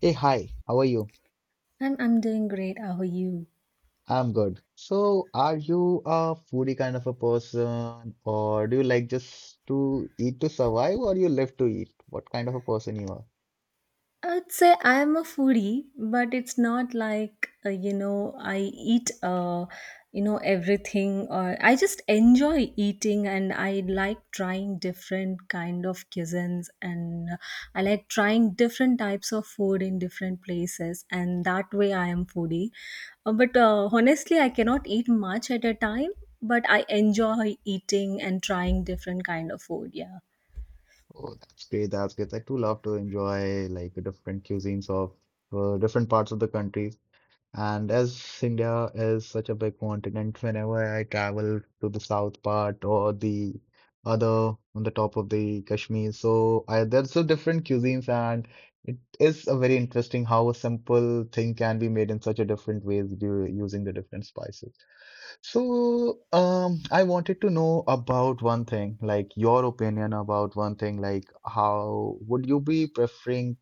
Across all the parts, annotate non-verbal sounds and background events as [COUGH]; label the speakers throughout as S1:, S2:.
S1: Hey, hi, how are you?
S2: And I'm doing great. How are you?
S1: I'm good. So, are you a foodie kind of a person, or do you like just to eat to survive, or you live to eat? What kind of a person you are?
S2: I would say I am a foodie, but it's not like, I eat, everything. Or I just enjoy eating and I like trying different kind of cuisines, and I like trying different types of food in different places, and that way I am foodie. But honestly, I cannot eat much at a time, but I enjoy eating and trying different kind of food. Yeah.
S1: Oh, that's great, that's great. I too love to enjoy like different cuisines of different parts of the country. And as India is such a big continent, whenever I travel to the south part or the other on the top of the Kashmir, so there's so different cuisines, and it is a very interesting how a simple thing can be made in such a different ways using the different spices. So, I wanted to know about one thing, like your opinion about one thing, like how would you be preferring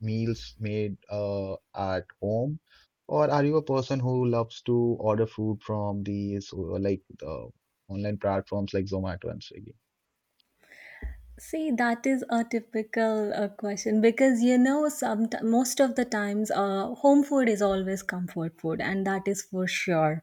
S1: meals made at home? Or are you a person who loves to order food from these like the online platforms like Zomato and Swiggy?
S2: See, that is a typical question because some most of the times, home food is always comfort food, and that is for sure.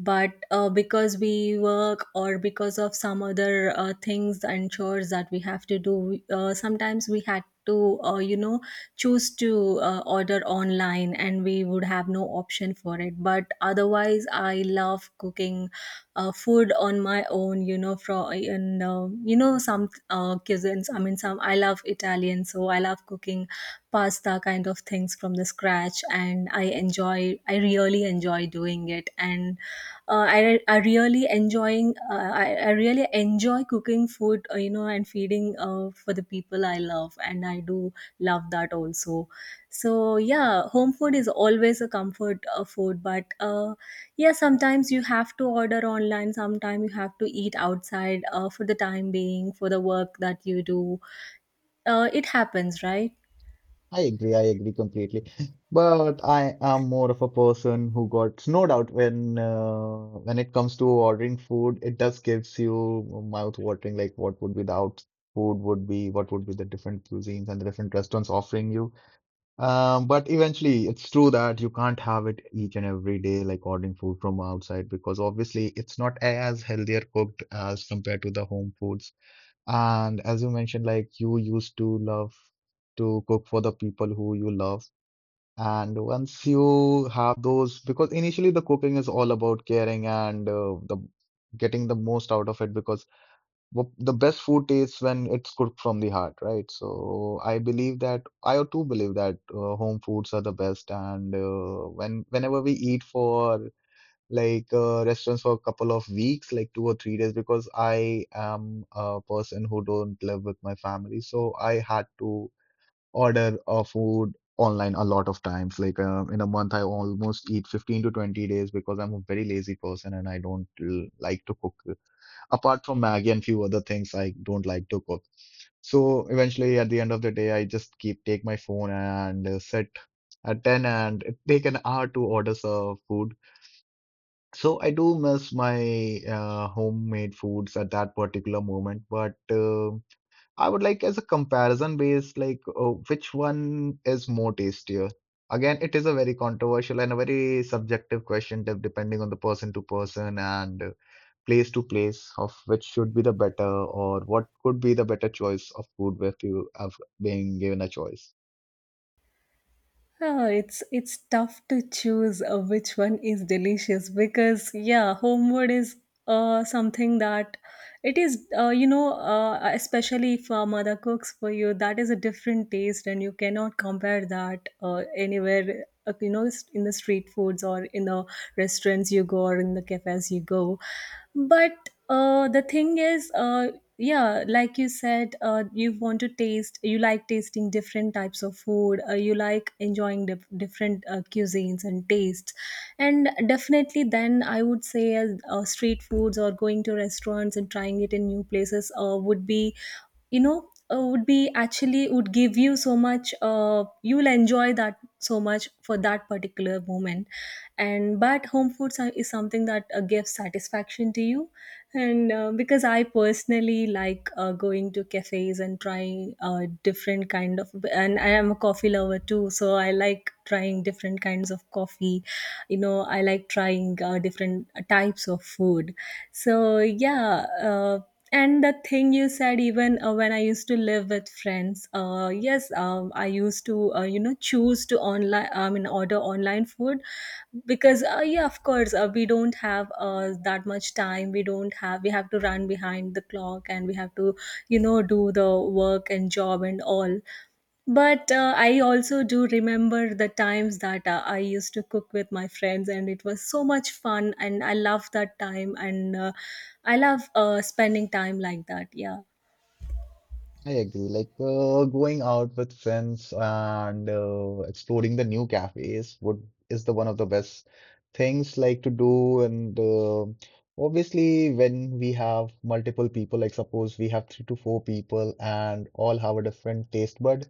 S2: But because we work or because of some other things and chores that we have to do, sometimes we had to, choose to order online, and we would have no option for it. But otherwise, I love cooking food on my own, from, and some cuisines, I mean, some, I love Italian, so I love cooking pasta kind of things from the scratch, and I really enjoy doing it. And I really enjoying I really enjoy cooking food, and feeding for the people I love, and I do love that also. So yeah, home food is always a comfort food. But yeah, sometimes you have to order online, sometimes you have to eat outside for the time being, for the work that you do. It happens, right?
S1: I agree completely. [LAUGHS] But I am more of a person who got snowed out when it comes to ordering food. It does gives you mouth watering, like what would be the out food would be, what would be the different cuisines and the different restaurants offering you. But eventually, it's true that you can't have it each and every day, like ordering food from outside, because obviously it's not as healthier cooked as compared to the home foods. And as you mentioned, like you used to love to cook for the people who you love. And once you have those, because initially the cooking is all about caring and the getting the most out of it, because the best food tastes when it's cooked from the heart, right? So I believe that I too believe that home foods are the best, and whenever we eat for like restaurants for a couple of weeks, like 2 or 3 days, because I am a person who don't live with my family, so I had to order food online a lot of times. Like in a month, I almost eat 15 to 20 days because I'm a very lazy person and I don't like to cook apart from Maggie and few other things I don't like to cook. So eventually, at the end of the day, I just keep take my phone and sit at 10 and it take an hour to order some food. So I do miss my homemade foods at that particular moment, but I would like as a comparison base, like which one is more tastier? Again, it is a very controversial and a very subjective question, depending on the person to person and place to place of which should be the better or what could be the better choice of food if you have been given a choice.
S2: Ah, it's tough to choose which one is delicious, because yeah, homemade is something that it is, especially if a mother cooks for you, that is a different taste and you cannot compare that anywhere, in the street foods or in the restaurants you go or in the cafes you go. But the thing is, yeah, like you said, you want to taste, you like tasting different types of food, you like enjoying different cuisines and tastes, and definitely then I would say, street foods or going to restaurants and trying it in new places would be, would be actually, would give you so much, you will enjoy that so much for that particular moment. And but home foods is something that gives satisfaction to you. And because I personally like going to cafes and trying different kind of, and I am a coffee lover too, so I like trying different kinds of coffee. You know, I like trying different types of food. So yeah, and the thing you said, even when I used to live with friends, yes, I used to choose to online, I mean, order online food, because yeah, of course, we don't have that much time, we don't have, we have to run behind the clock, and we have to, do the work and job and all. But I also do remember the times that I used to cook with my friends, and it was so much fun. And I love that time. And I love spending time like that. Yeah.
S1: I agree. Like going out with friends and exploring the new cafes would is the one of the best things like to do. And obviously, when we have multiple people, like suppose we have three to four people and all have a different taste bud,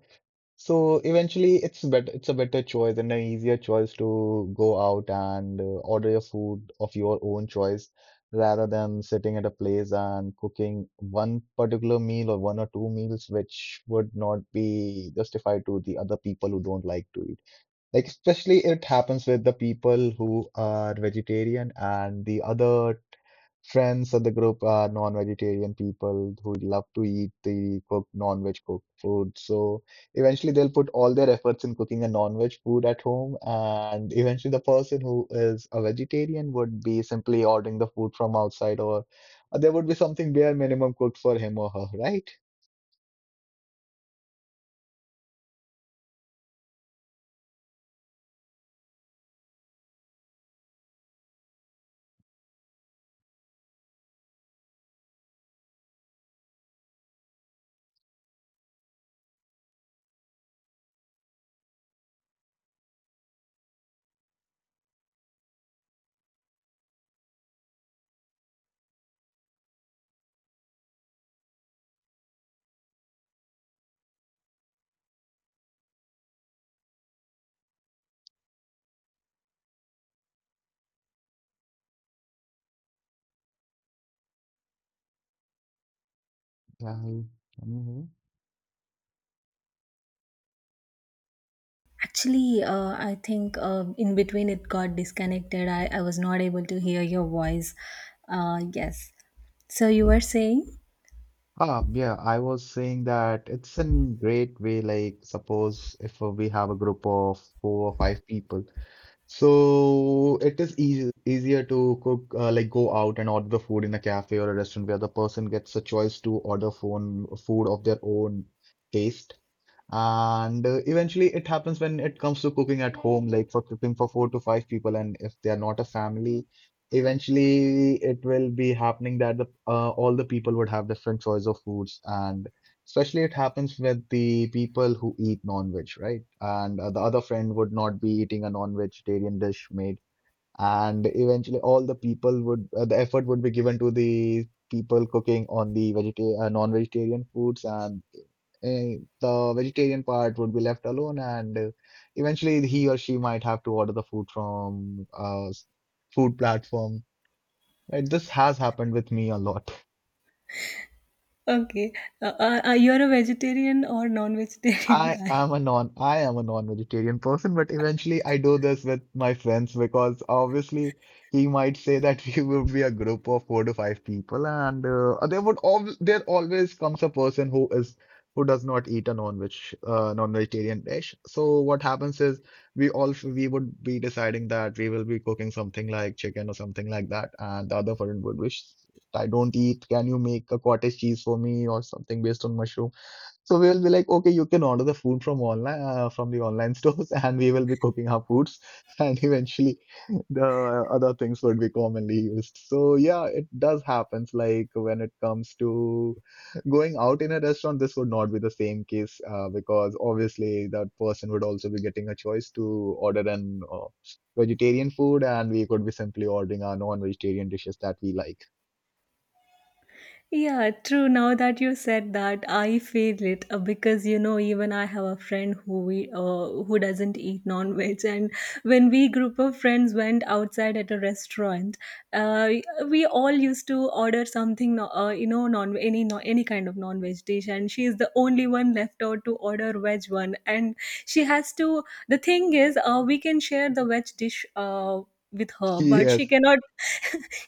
S1: so eventually, it's better. It's a better choice and an easier choice to go out and order your food of your own choice rather than sitting at a place and cooking one particular meal or one or two meals, which would not be justified to the other people who don't like to eat. Like especially it happens with the people who are vegetarian and the other friends at the group are non-vegetarian people who love to eat the cooked non-veg cooked food. So eventually they'll put all their efforts in cooking a non-veg food at home, and eventually the person who is a vegetarian would be simply ordering the food from outside, or there would be something bare minimum cooked for him or her, right? Yeah. Mhm.
S2: Actually, I think in between it got disconnected. I was not able to hear your voice. Yes. So you were saying?
S1: Ah, yeah, I was saying that it's in great way. Like, suppose if we have a group of four or five people, so it is easier to cook, like go out and order the food in a cafe or a restaurant where the person gets a choice to order phone food of their own taste. And eventually, it happens when it comes to cooking at home, like for cooking for four to five people. And if they are not a family, eventually it will be happening that the all the people would have different choice of foods. And especially, it happens with the people who eat non-veg, right? And the other friend would not be eating a non-vegetarian dish made and eventually all the people would the effort would be given to the people cooking on the vegeta non-vegetarian foods and the vegetarian part would be left alone and eventually he or she might have to order the food from food platform. Right? This has happened with me a lot.
S2: Okay. You're a vegetarian or non vegetarian [LAUGHS] guy?
S1: I am a non-vegetarian person, but eventually I do this with my friends because obviously he might say that [LAUGHS] we would be a group of four to five people, and there would al there always comes a person who is who does not eat a non-vegetarian dish. So what happens is we would be deciding that we will be cooking something like chicken or something like that, and the other person would wish I don't eat. Can you make a cottage cheese for me or something based on mushroom? So we will be like, okay, you can order the food from online from the online stores, [LAUGHS] and we will be cooking our foods, [LAUGHS] and eventually the other things would be commonly used. So yeah, it does happens. Like when it comes to going out in a restaurant, this would not be the same case because obviously that person would also be getting a choice to order an vegetarian food, and we could be simply ordering our non-vegetarian dishes that we like. [LAUGHS]
S2: Yeah, true. Now that you said that, I feel it, because you know, even I have a friend who we who doesn't eat non-veg, and when we group of friends went outside at a restaurant, uh, we all used to order something, no- you know, non any no, any kind of non-veg dish, and she is the only one left out to order veg one, and she has to. The thing is, we can share the veg dish with her, but she
S1: Yes,
S2: cannot,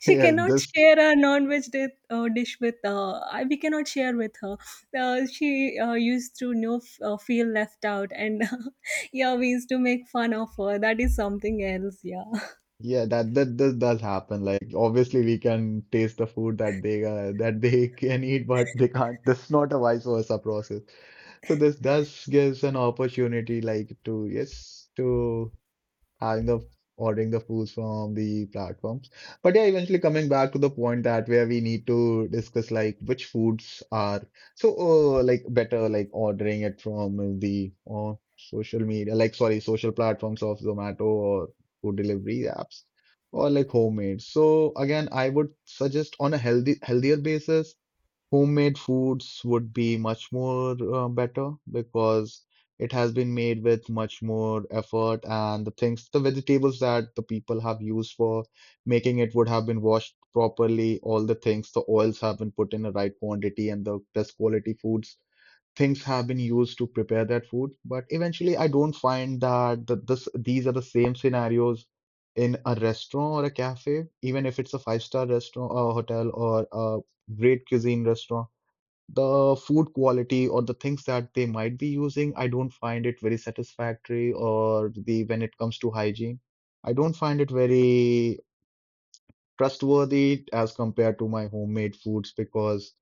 S2: she
S1: yes,
S2: cannot
S1: this.
S2: share a non-veg dish with we cannot share with her. She used to, feel left out, and [LAUGHS] yeah, we used to make fun of her. That is something else. Yeah.
S1: Yeah, that this does happen. Like obviously we can taste the food that they that [LAUGHS] they can eat, but they can't. This is not a vice versa process. So this does gives an opportunity like to yes to having the ordering the foods from the platforms. But yeah, eventually coming back to the point that where we need to discuss like which foods are so like better like ordering it from the social media like sorry social platforms of Zomato or food delivery apps or like homemade. So again, I would suggest on a healthy healthier basis homemade foods would be much more better because it has been made with much more effort, and the things, the vegetables that the people have used for making it would have been washed properly. All the things, the oils have been put in the right quantity, and the best quality foods. Things have been used to prepare that food, but eventually, I don't find that these are the same scenarios in a restaurant or a cafe, even if it's a five-star restaurant or hotel or a great cuisine restaurant the food quality or the things that they might be using, I don't find it very satisfactory or the when it comes to hygiene, I don't find it very trustworthy as compared to my homemade foods because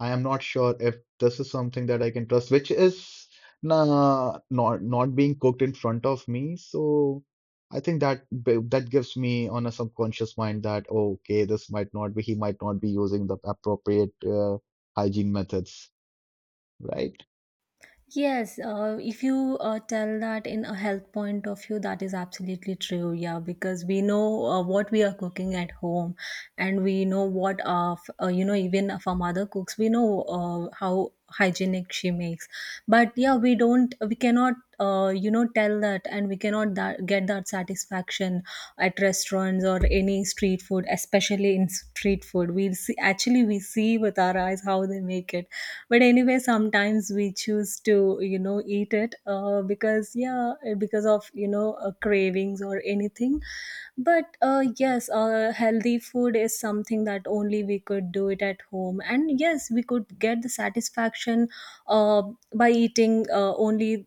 S1: I am not sure if this is something that I can trust, which is nah, not being cooked in front of me. So I think that gives me on a subconscious mind that oh, okay, this might not be he might not be using the appropriate hygiene methods. Right.
S2: Yes, if you tell that in a health point of view, that is absolutely true. Yeah, because we know what we are cooking at home, and we know what our f- you know even if our mother cooks, we know how hygienic she makes. But yeah, we cannot tell that, and we cannot get that satisfaction at restaurants or any street food, especially in street food. We see with our eyes how they make it. But anyway, sometimes we choose to, eat it, because yeah, because of cravings or anything. But yes, healthy food is something that only we could do it at home, and yes, we could get the satisfaction uh, by eating only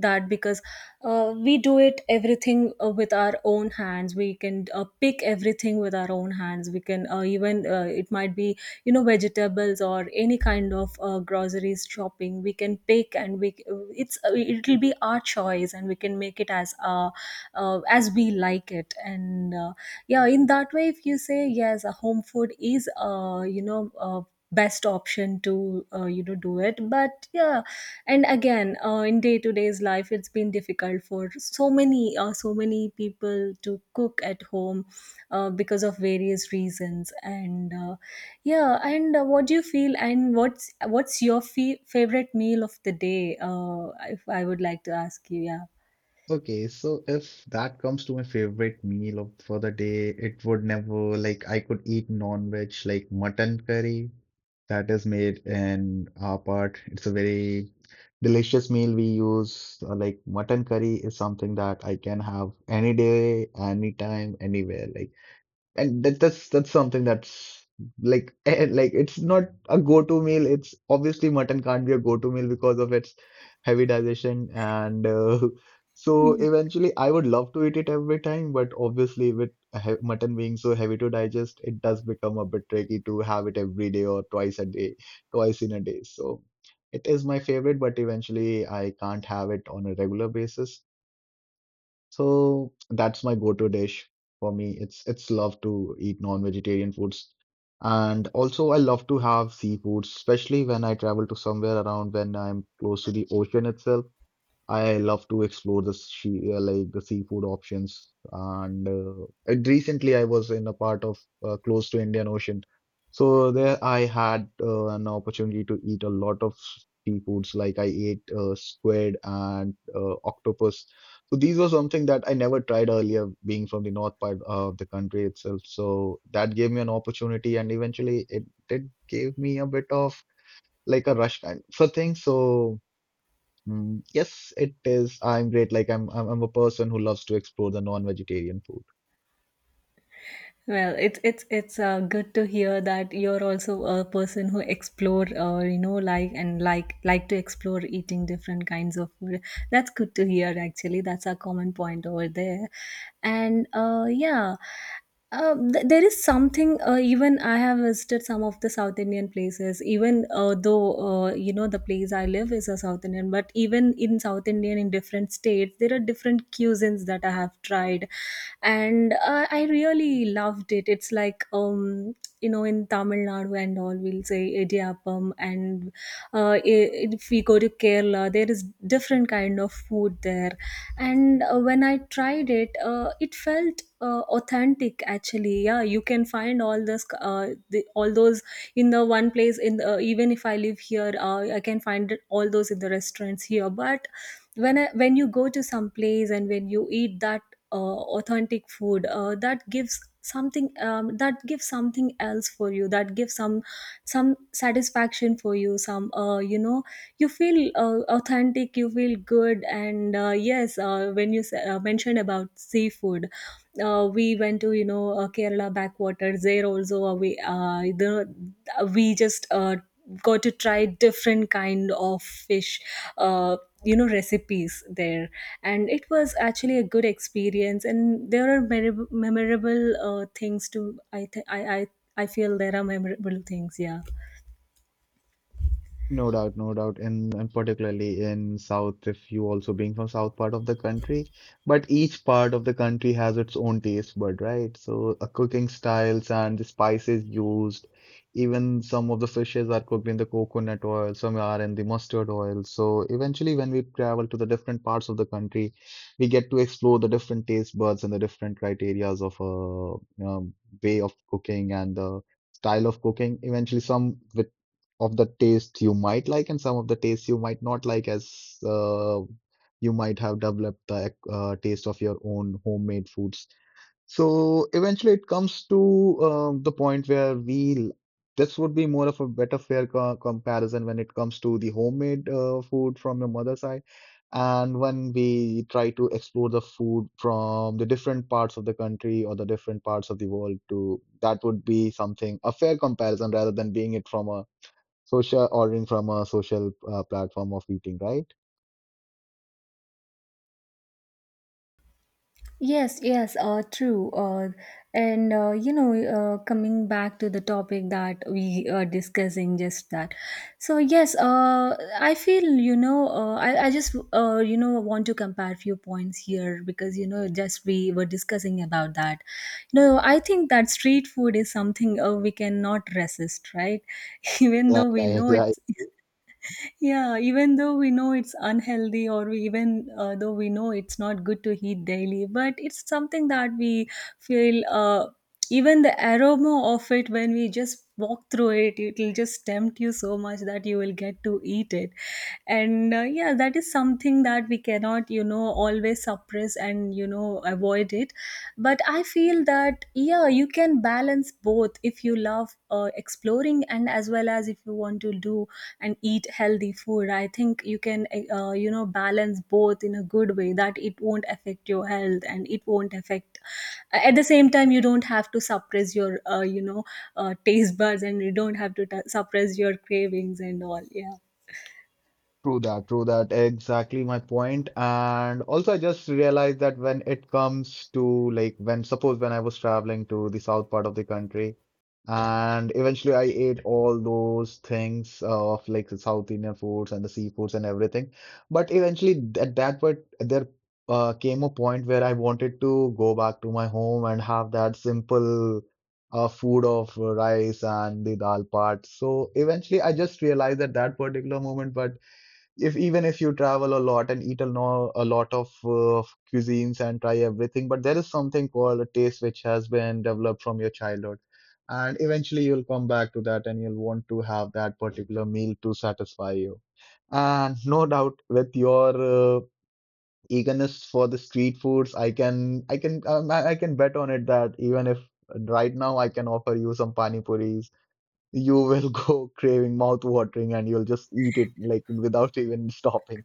S2: that, because we do it everything with our own hands, we can pick everything with our own hands, we can even it might be, vegetables or any kind of groceries shopping, we can pick, and we it's it'll be our choice, and we can make it as we like it. And yeah, in that way, if you say, yes, a home food is best option to do it. But yeah, and again in day to day's life, it's been difficult for so many so many people to cook at home, because of various reasons. And yeah. And what do you feel, and what's your favorite meal of the day, if I would like to ask you? Yeah.
S1: Okay, so if that comes to my favorite meal of for the day, it would never like I could eat non-veg like mutton curry that is made in our part. It's a very delicious meal we use. Like mutton curry is something that I can have any day, anytime, anywhere. Like and that's something that's like [LAUGHS] eh, like it's not a go-to meal. It's obviously mutton can't be a go-to meal because of its heavy digestion, and [LAUGHS] so eventually I would love to eat it every time, but obviously with he mutton being so heavy to digest, it does become a bit tricky to have it every day or twice a day, twice in a day. So it is my favorite, but eventually I can't have it on a regular basis. So that's my go-to dish for me. It's love to eat non-vegetarian foods. And also I love to have seafood, especially when I travel to somewhere around when I'm close to the ocean itself. I love to explore the sea, like the seafood options. And recently, I was in a part of close to Indian Ocean, so there I had an opportunity to eat a lot of seafoods. Like I ate squid and octopus. So these were something that I never tried earlier, being from the north part of the country itself. So that gave me an opportunity, and eventually, it did gave me a bit of like a rush kind for things. So. Mm, yes, it is. I'm great. Like I'm a person who loves to explore the non-vegetarian food.
S2: Well, it's good to hear that you're also a person who explore, you know, like and like like to explore eating different kinds of food. That's good to hear. Actually, that's a common point over there. And yeah, there is some something, even I have visited some of the south Indian places, even though the place I live is a south Indian, but even in south Indian in different states there are different cuisines that I have tried, and I really loved it. It's like, you know, in Tamil Nadu and all, we'll say idiyappam, and uh, i- if we go to Kerala, there is different kind of food there. And when I tried it, it felt authentic, actually. Yeah, you can find all this, all those in the one place, even if I live here, I can find all those in the restaurants here. But when you go to some place and when you eat that authentic food, that gives something, that gives something else for you, that gives some satisfaction for you, some, you feel authentic, you feel good. And yes, when you mentioned about seafood, we went to, Kerala backwaters. There also we just got to try different kind of fish. Uh, recipes there, and it was actually a good experience, and there are memorable, memorable things to. I th- I feel there are memorable things. Yeah.
S1: No doubt, no doubt, and particularly in South, if you also being from South part of the country, but each part of the country has its own taste bud, right? So cooking styles and the spices used, even some of the fishes are cooked in the coconut oil, some are in the mustard oil. So eventually, when we travel to the different parts of the country, we get to explore the different taste buds and the different criterias of a way of cooking and the style of cooking. Eventually, some with of the taste you might like and some of the taste you might not like, as you might have developed the taste of your own homemade foods. So eventually, it comes to the point where we this would be more of a better fair co comparison when it comes to the homemade food from your mother's side. And when we try to explore the food from the different parts of the country or the different parts of the world to that would be something a fair comparison rather than being it from a social ordering from a social platform of eating, right?
S2: Yes, yes, true. And coming back to the topic that we are discussing, just that. So yes, I feel, you know, I just want to compare few points here, because you know, just we were discussing about that. No, I think that street food is something we cannot resist, right? [LAUGHS] Even
S1: Like
S2: though we know
S1: I
S2: it's yeah, even though we know it's unhealthy, or we even though we know it's not good to eat daily, but it's something that we feel. Even the aroma of it, when we just walk through it, it'll just tempt you so much that you will get to eat it. And yeah, that is something that we cannot, you know, always suppress and avoid it. But I feel that, yeah, you can balance both if you love exploring and as well as if you want to do and eat healthy food. I think you can balance both in a good way, that it won't affect your health and it won't affect, at the same time, you don't have to suppress your uh, you know taste buds, and you don't have to suppress your cravings and all. Yeah,
S1: True that, true that, exactly my point. And also, I just realized that when it comes to like when suppose when I was traveling to the south part of the country. And eventually, I ate all those things of like the South Indian foods and the seafoods and everything. But eventually, at that point, there came a point where I wanted to go back to my home and have that simple food of rice and the dal part. So eventually, I just realized at that particular moment, but if even if you travel a lot and eat a, no, a lot of cuisines and try everything, but there is something called a taste which has been developed from your childhood. And eventually you'll come back to that and you'll want to have that particular meal to satisfy you. And no doubt with your eagerness for the street foods, I can I can I can bet on it that even if right now I can offer you some pani puris you will [LAUGHS] go craving mouth watering and you'll just eat it like without even [LAUGHS] stopping.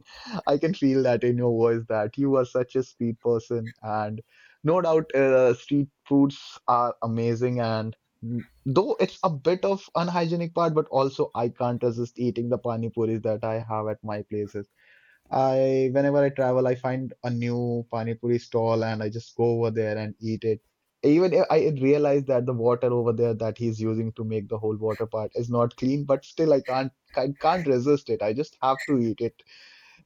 S1: I can feel that in your voice that you are such a street person, and no doubt street foods are amazing, and though it's a bit of unhygienic part, but also I can't resist eating the pani puris that I have at my places. I Whenever I travel, I find a new pani puri stall and I just go over there and eat it. Even if I realized that the water over there that he's using to make the whole water part is not clean, but still I can't resist it. I just have to eat it.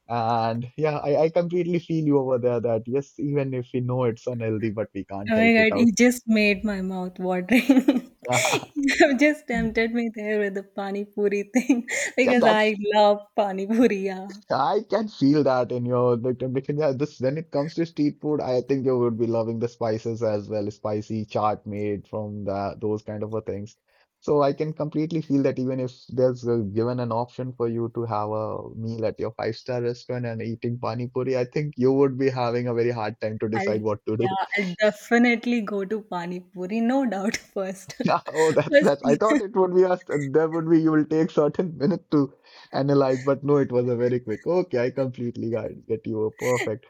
S1: And yeah, I completely feel you over there that yes, even if we know it's unhealthy, but we can't
S2: oh my
S1: help it
S2: god,
S1: out.
S2: it just made my mouth watering. [LAUGHS]
S1: [LAUGHS]
S2: You have just tempted me there with the pani puri thing [LAUGHS]
S1: Yeah,
S2: because
S1: that's.
S2: I love pani puri. Yeah.
S1: I can feel that in your Vikram. Because yeah, this when it comes to street food, I think you would be loving the spices as well, spicy chaat made from that those kind of a things. So I can completely feel that even if there's a, given an option for you to have a meal at your five-star restaurant and eating pani puri, I think you would be having a very hard time to decide
S2: I'll,
S1: what to
S2: yeah,
S1: do. [LAUGHS]
S2: I'll definitely go to pani puri, no doubt. [LAUGHS] First.
S1: Yeah, oh,
S2: [LAUGHS]
S1: that's
S2: First
S1: that's. I thought
S2: thing.
S1: it would be us. There would be you will take certain [LAUGHS] minute to analyze, but no, it was a very quick. Okay, I completely got get you. Perfect.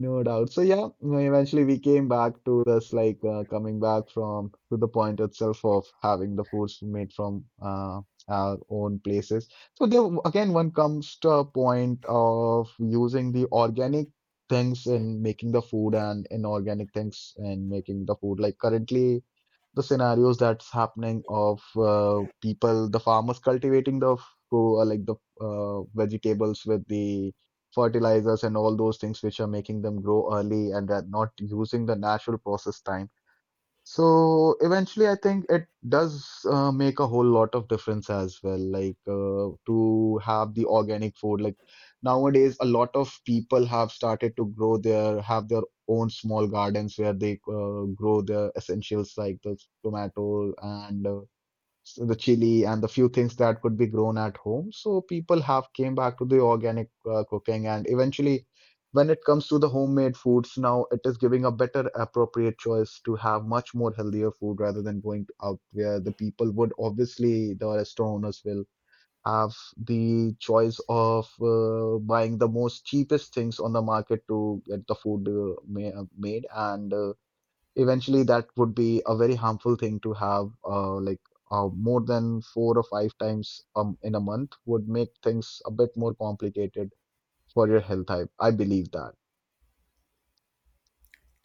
S1: No doubt. So yeah, eventually we came back to this like coming back from to the point itself of having the foods made from our own places. So there again one comes to a point of using the organic things in making the food and inorganic things in making the food. Like currently the scenarios that's happening of people, the farmers cultivating the like the vegetables with the fertilizers and all those things which are making them grow early and are not using the natural process time. So eventually, I think it does make a whole lot of difference as well. Like to have the organic food. Like nowadays, a lot of people have started to grow their have their own small gardens where they grow their essentials like the tomato and so the chili and the few things that could be grown at home. So people have came back to the organic cooking, and eventually, when it comes to the homemade foods, now it is giving a better appropriate choice to have much more healthier food rather than going to out where the people would obviously the restaurant owners will have the choice of buying the most cheapest things on the market to get the food made, and eventually, that would be a very harmful thing to have, like more than four or five times in a month would make things a bit more complicated for your health type. I believe that.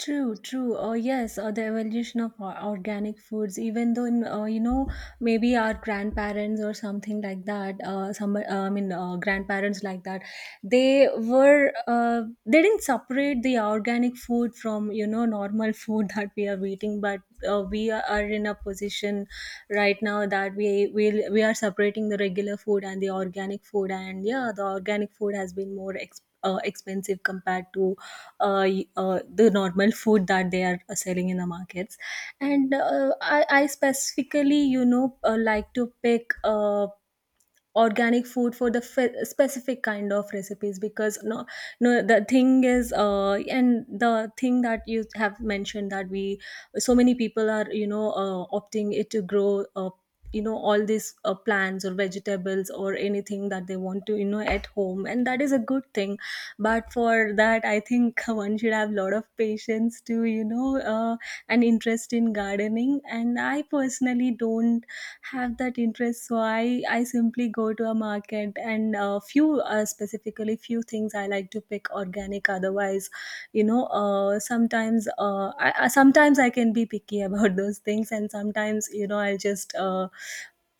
S2: True, true. Yes, the evolution of organic foods, even though, in, maybe our grandparents or something like that, grandparents like that, they were, they didn't separate the organic food from, you know, normal food [LAUGHS] that we are eating. But we are in a position right now that we are separating the regular food and the organic food. And yeah, the organic food has been more expensive compared to the normal food that they are selling in the markets. And I specifically, you know, like to pick organic food for the specific kind of recipes. Because no, no, the thing is, and the thing that you have mentioned, that we so many people are, you know, opting it to grow all these plants or vegetables or anything that they want to, you know, at home. And that is a good thing, but for that I think [LAUGHS] one should have a lot of patience, to, an interest in gardening. And I personally don't have that interest, so I simply go to a market and few, specifically few things I like to pick organic. Otherwise, sometimes, sometimes I can be picky [LAUGHS] about those things. And sometimes, you know, I'll just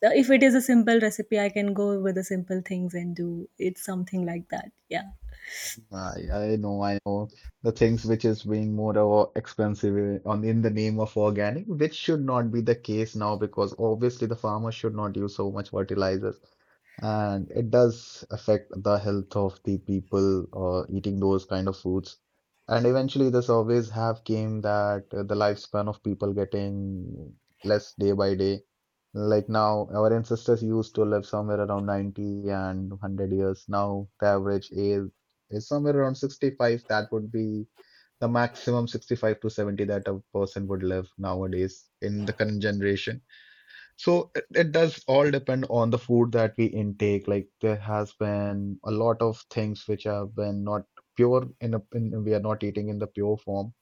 S2: if it is a simple recipe, I can go with the simple things and do it, something like that. Yeah.
S1: I know, I know the things which is being more expensive on in the name of organic, which should not be the case now because obviously the farmer should not use so much fertilizers. And it does affect the health of the people eating those kind of foods. And eventually, the surveys have came that the lifespan of people getting less day by day. Like now, our ancestors used to live somewhere around 90 and 100 years. Now, the average age is somewhere around 65. That would be the maximum 65 to 70 that a person would live nowadays in the current generation. So it does all depend on the food that we intake. Like there has been a lot of things which have been not pure we are not eating in the pure form.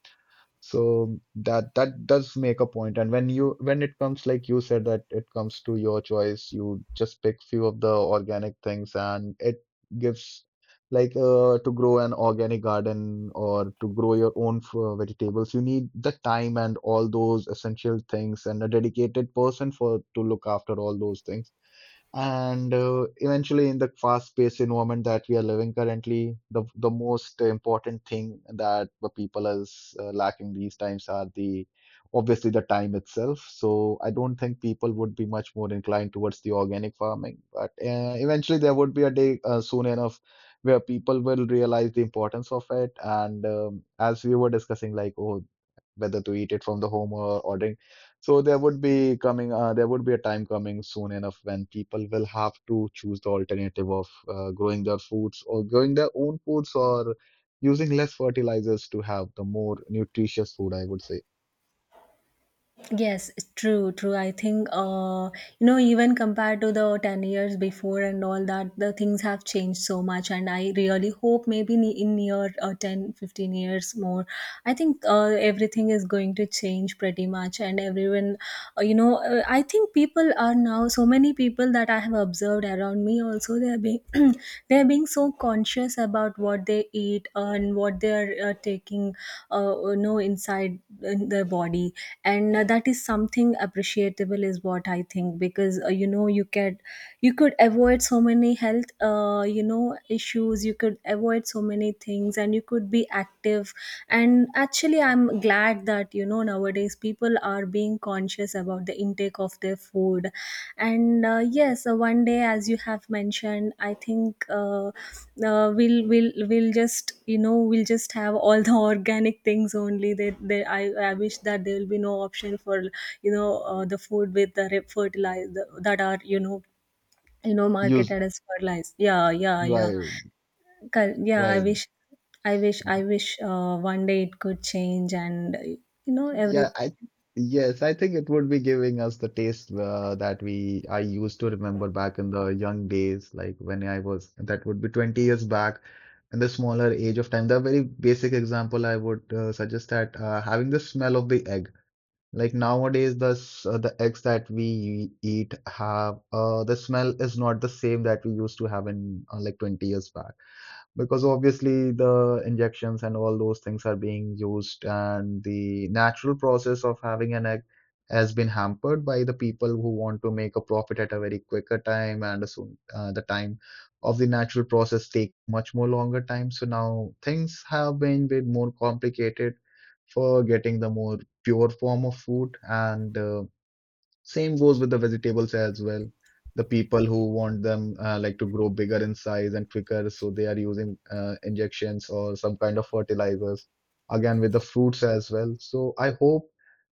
S1: So that does make a point. And when it comes, like you said, that it comes to your choice, you just pick few of the organic things, and it gives like to grow an organic garden or to grow your own vegetables. You need the time and all those essential things, and a dedicated person for to look after all those things. And eventually, in the fast-paced environment that we are living currently, the most important thing that the people is lacking these times are the obviously the time itself. So I don't think people would be much more inclined towards the organic farming. But eventually, there would be a day soon enough where people will realize the importance of it. And as we were discussing, like, oh, whether to eat it from the home or ordering, so there would be a time coming soon enough when people will have to choose the alternative of growing their foods or growing their own foods or using less fertilizers to have the more nutritious food, I would say.
S2: Yes, true, true. I think, even compared to the 10 years before and all that, the things have changed so much. And I really hope maybe in near 10, 15 years more, I think everything is going to change pretty much. And everyone, I think people are now, so many people that I have observed around me also, they are being [CLEARS THROAT] they're being so conscious about what they eat and what they're taking, inside in their body. And that is something appreciable, is what I think. Because, you can, you could avoid so many health issues, you could avoid so many things, and you could be active. And actually, I'm glad that, you know, nowadays people are being conscious about the intake of their food. And yes, one day, as you have mentioned, I think, uh, we'll we'll just, you know, we'll just have all the [LAUGHS] organic things only. That there I wish that there will be no option for, the food with the fertilizer that are, you know, you know
S1: Use,
S2: marketed as fertilized. Yeah, yeah, yeah.
S1: right,
S2: Yeah, I
S1: right.
S2: wish, I wish one day it could change. And, you know, every
S1: Yeah, I yes, I think it would be giving us the taste that we I used to remember back in the young days, like when I was that would be 20 years back in the smaller age of time. The very basic example I would suggest that having the smell of the egg. Like nowadays, the eggs that we eat have the smell is not the same that we used to have in like 20 years back because obviously the injections and all those things are being used and the natural process of having an egg has been hampered by the people who want to make a profit at a very quicker time and soon the time of the natural process take much more longer time so now things have been bit more complicated for getting the more pure form of food, and same goes with the vegetables as well. The people who want them like to grow bigger in size and quicker, so they are using injections or some kind of fertilizers. Again, with the fruits as well. So I hope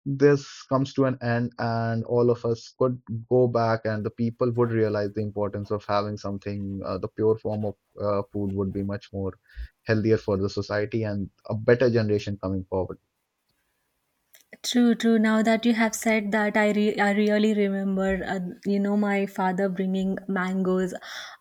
S1: this comes to an end and all of us could go back and the people would realize the importance of having something, the pure form of food would be much more healthier for the society and a better generation coming forward.
S2: true, true. Now that you have said that, I I really remember, my father bringing mangoes.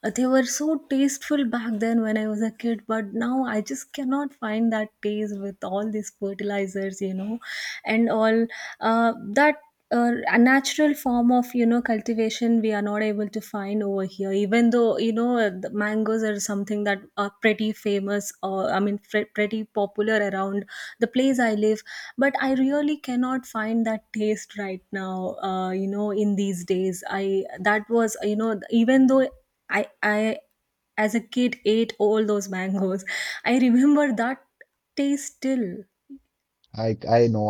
S2: They were so tasteful back then when I was a kid, but now I just cannot find that taste with all these fertilizers, you know, and all that a natural form of, you know, cultivation. We are not able to find over here, even though, you know, the mangoes are something that are pretty famous, or I mean pretty popular around the place I live. But I really cannot find that taste right now, in these days. I That was, you know, even though I as a kid ate all those [LAUGHS] mangoes, I remember that taste still.
S1: I know.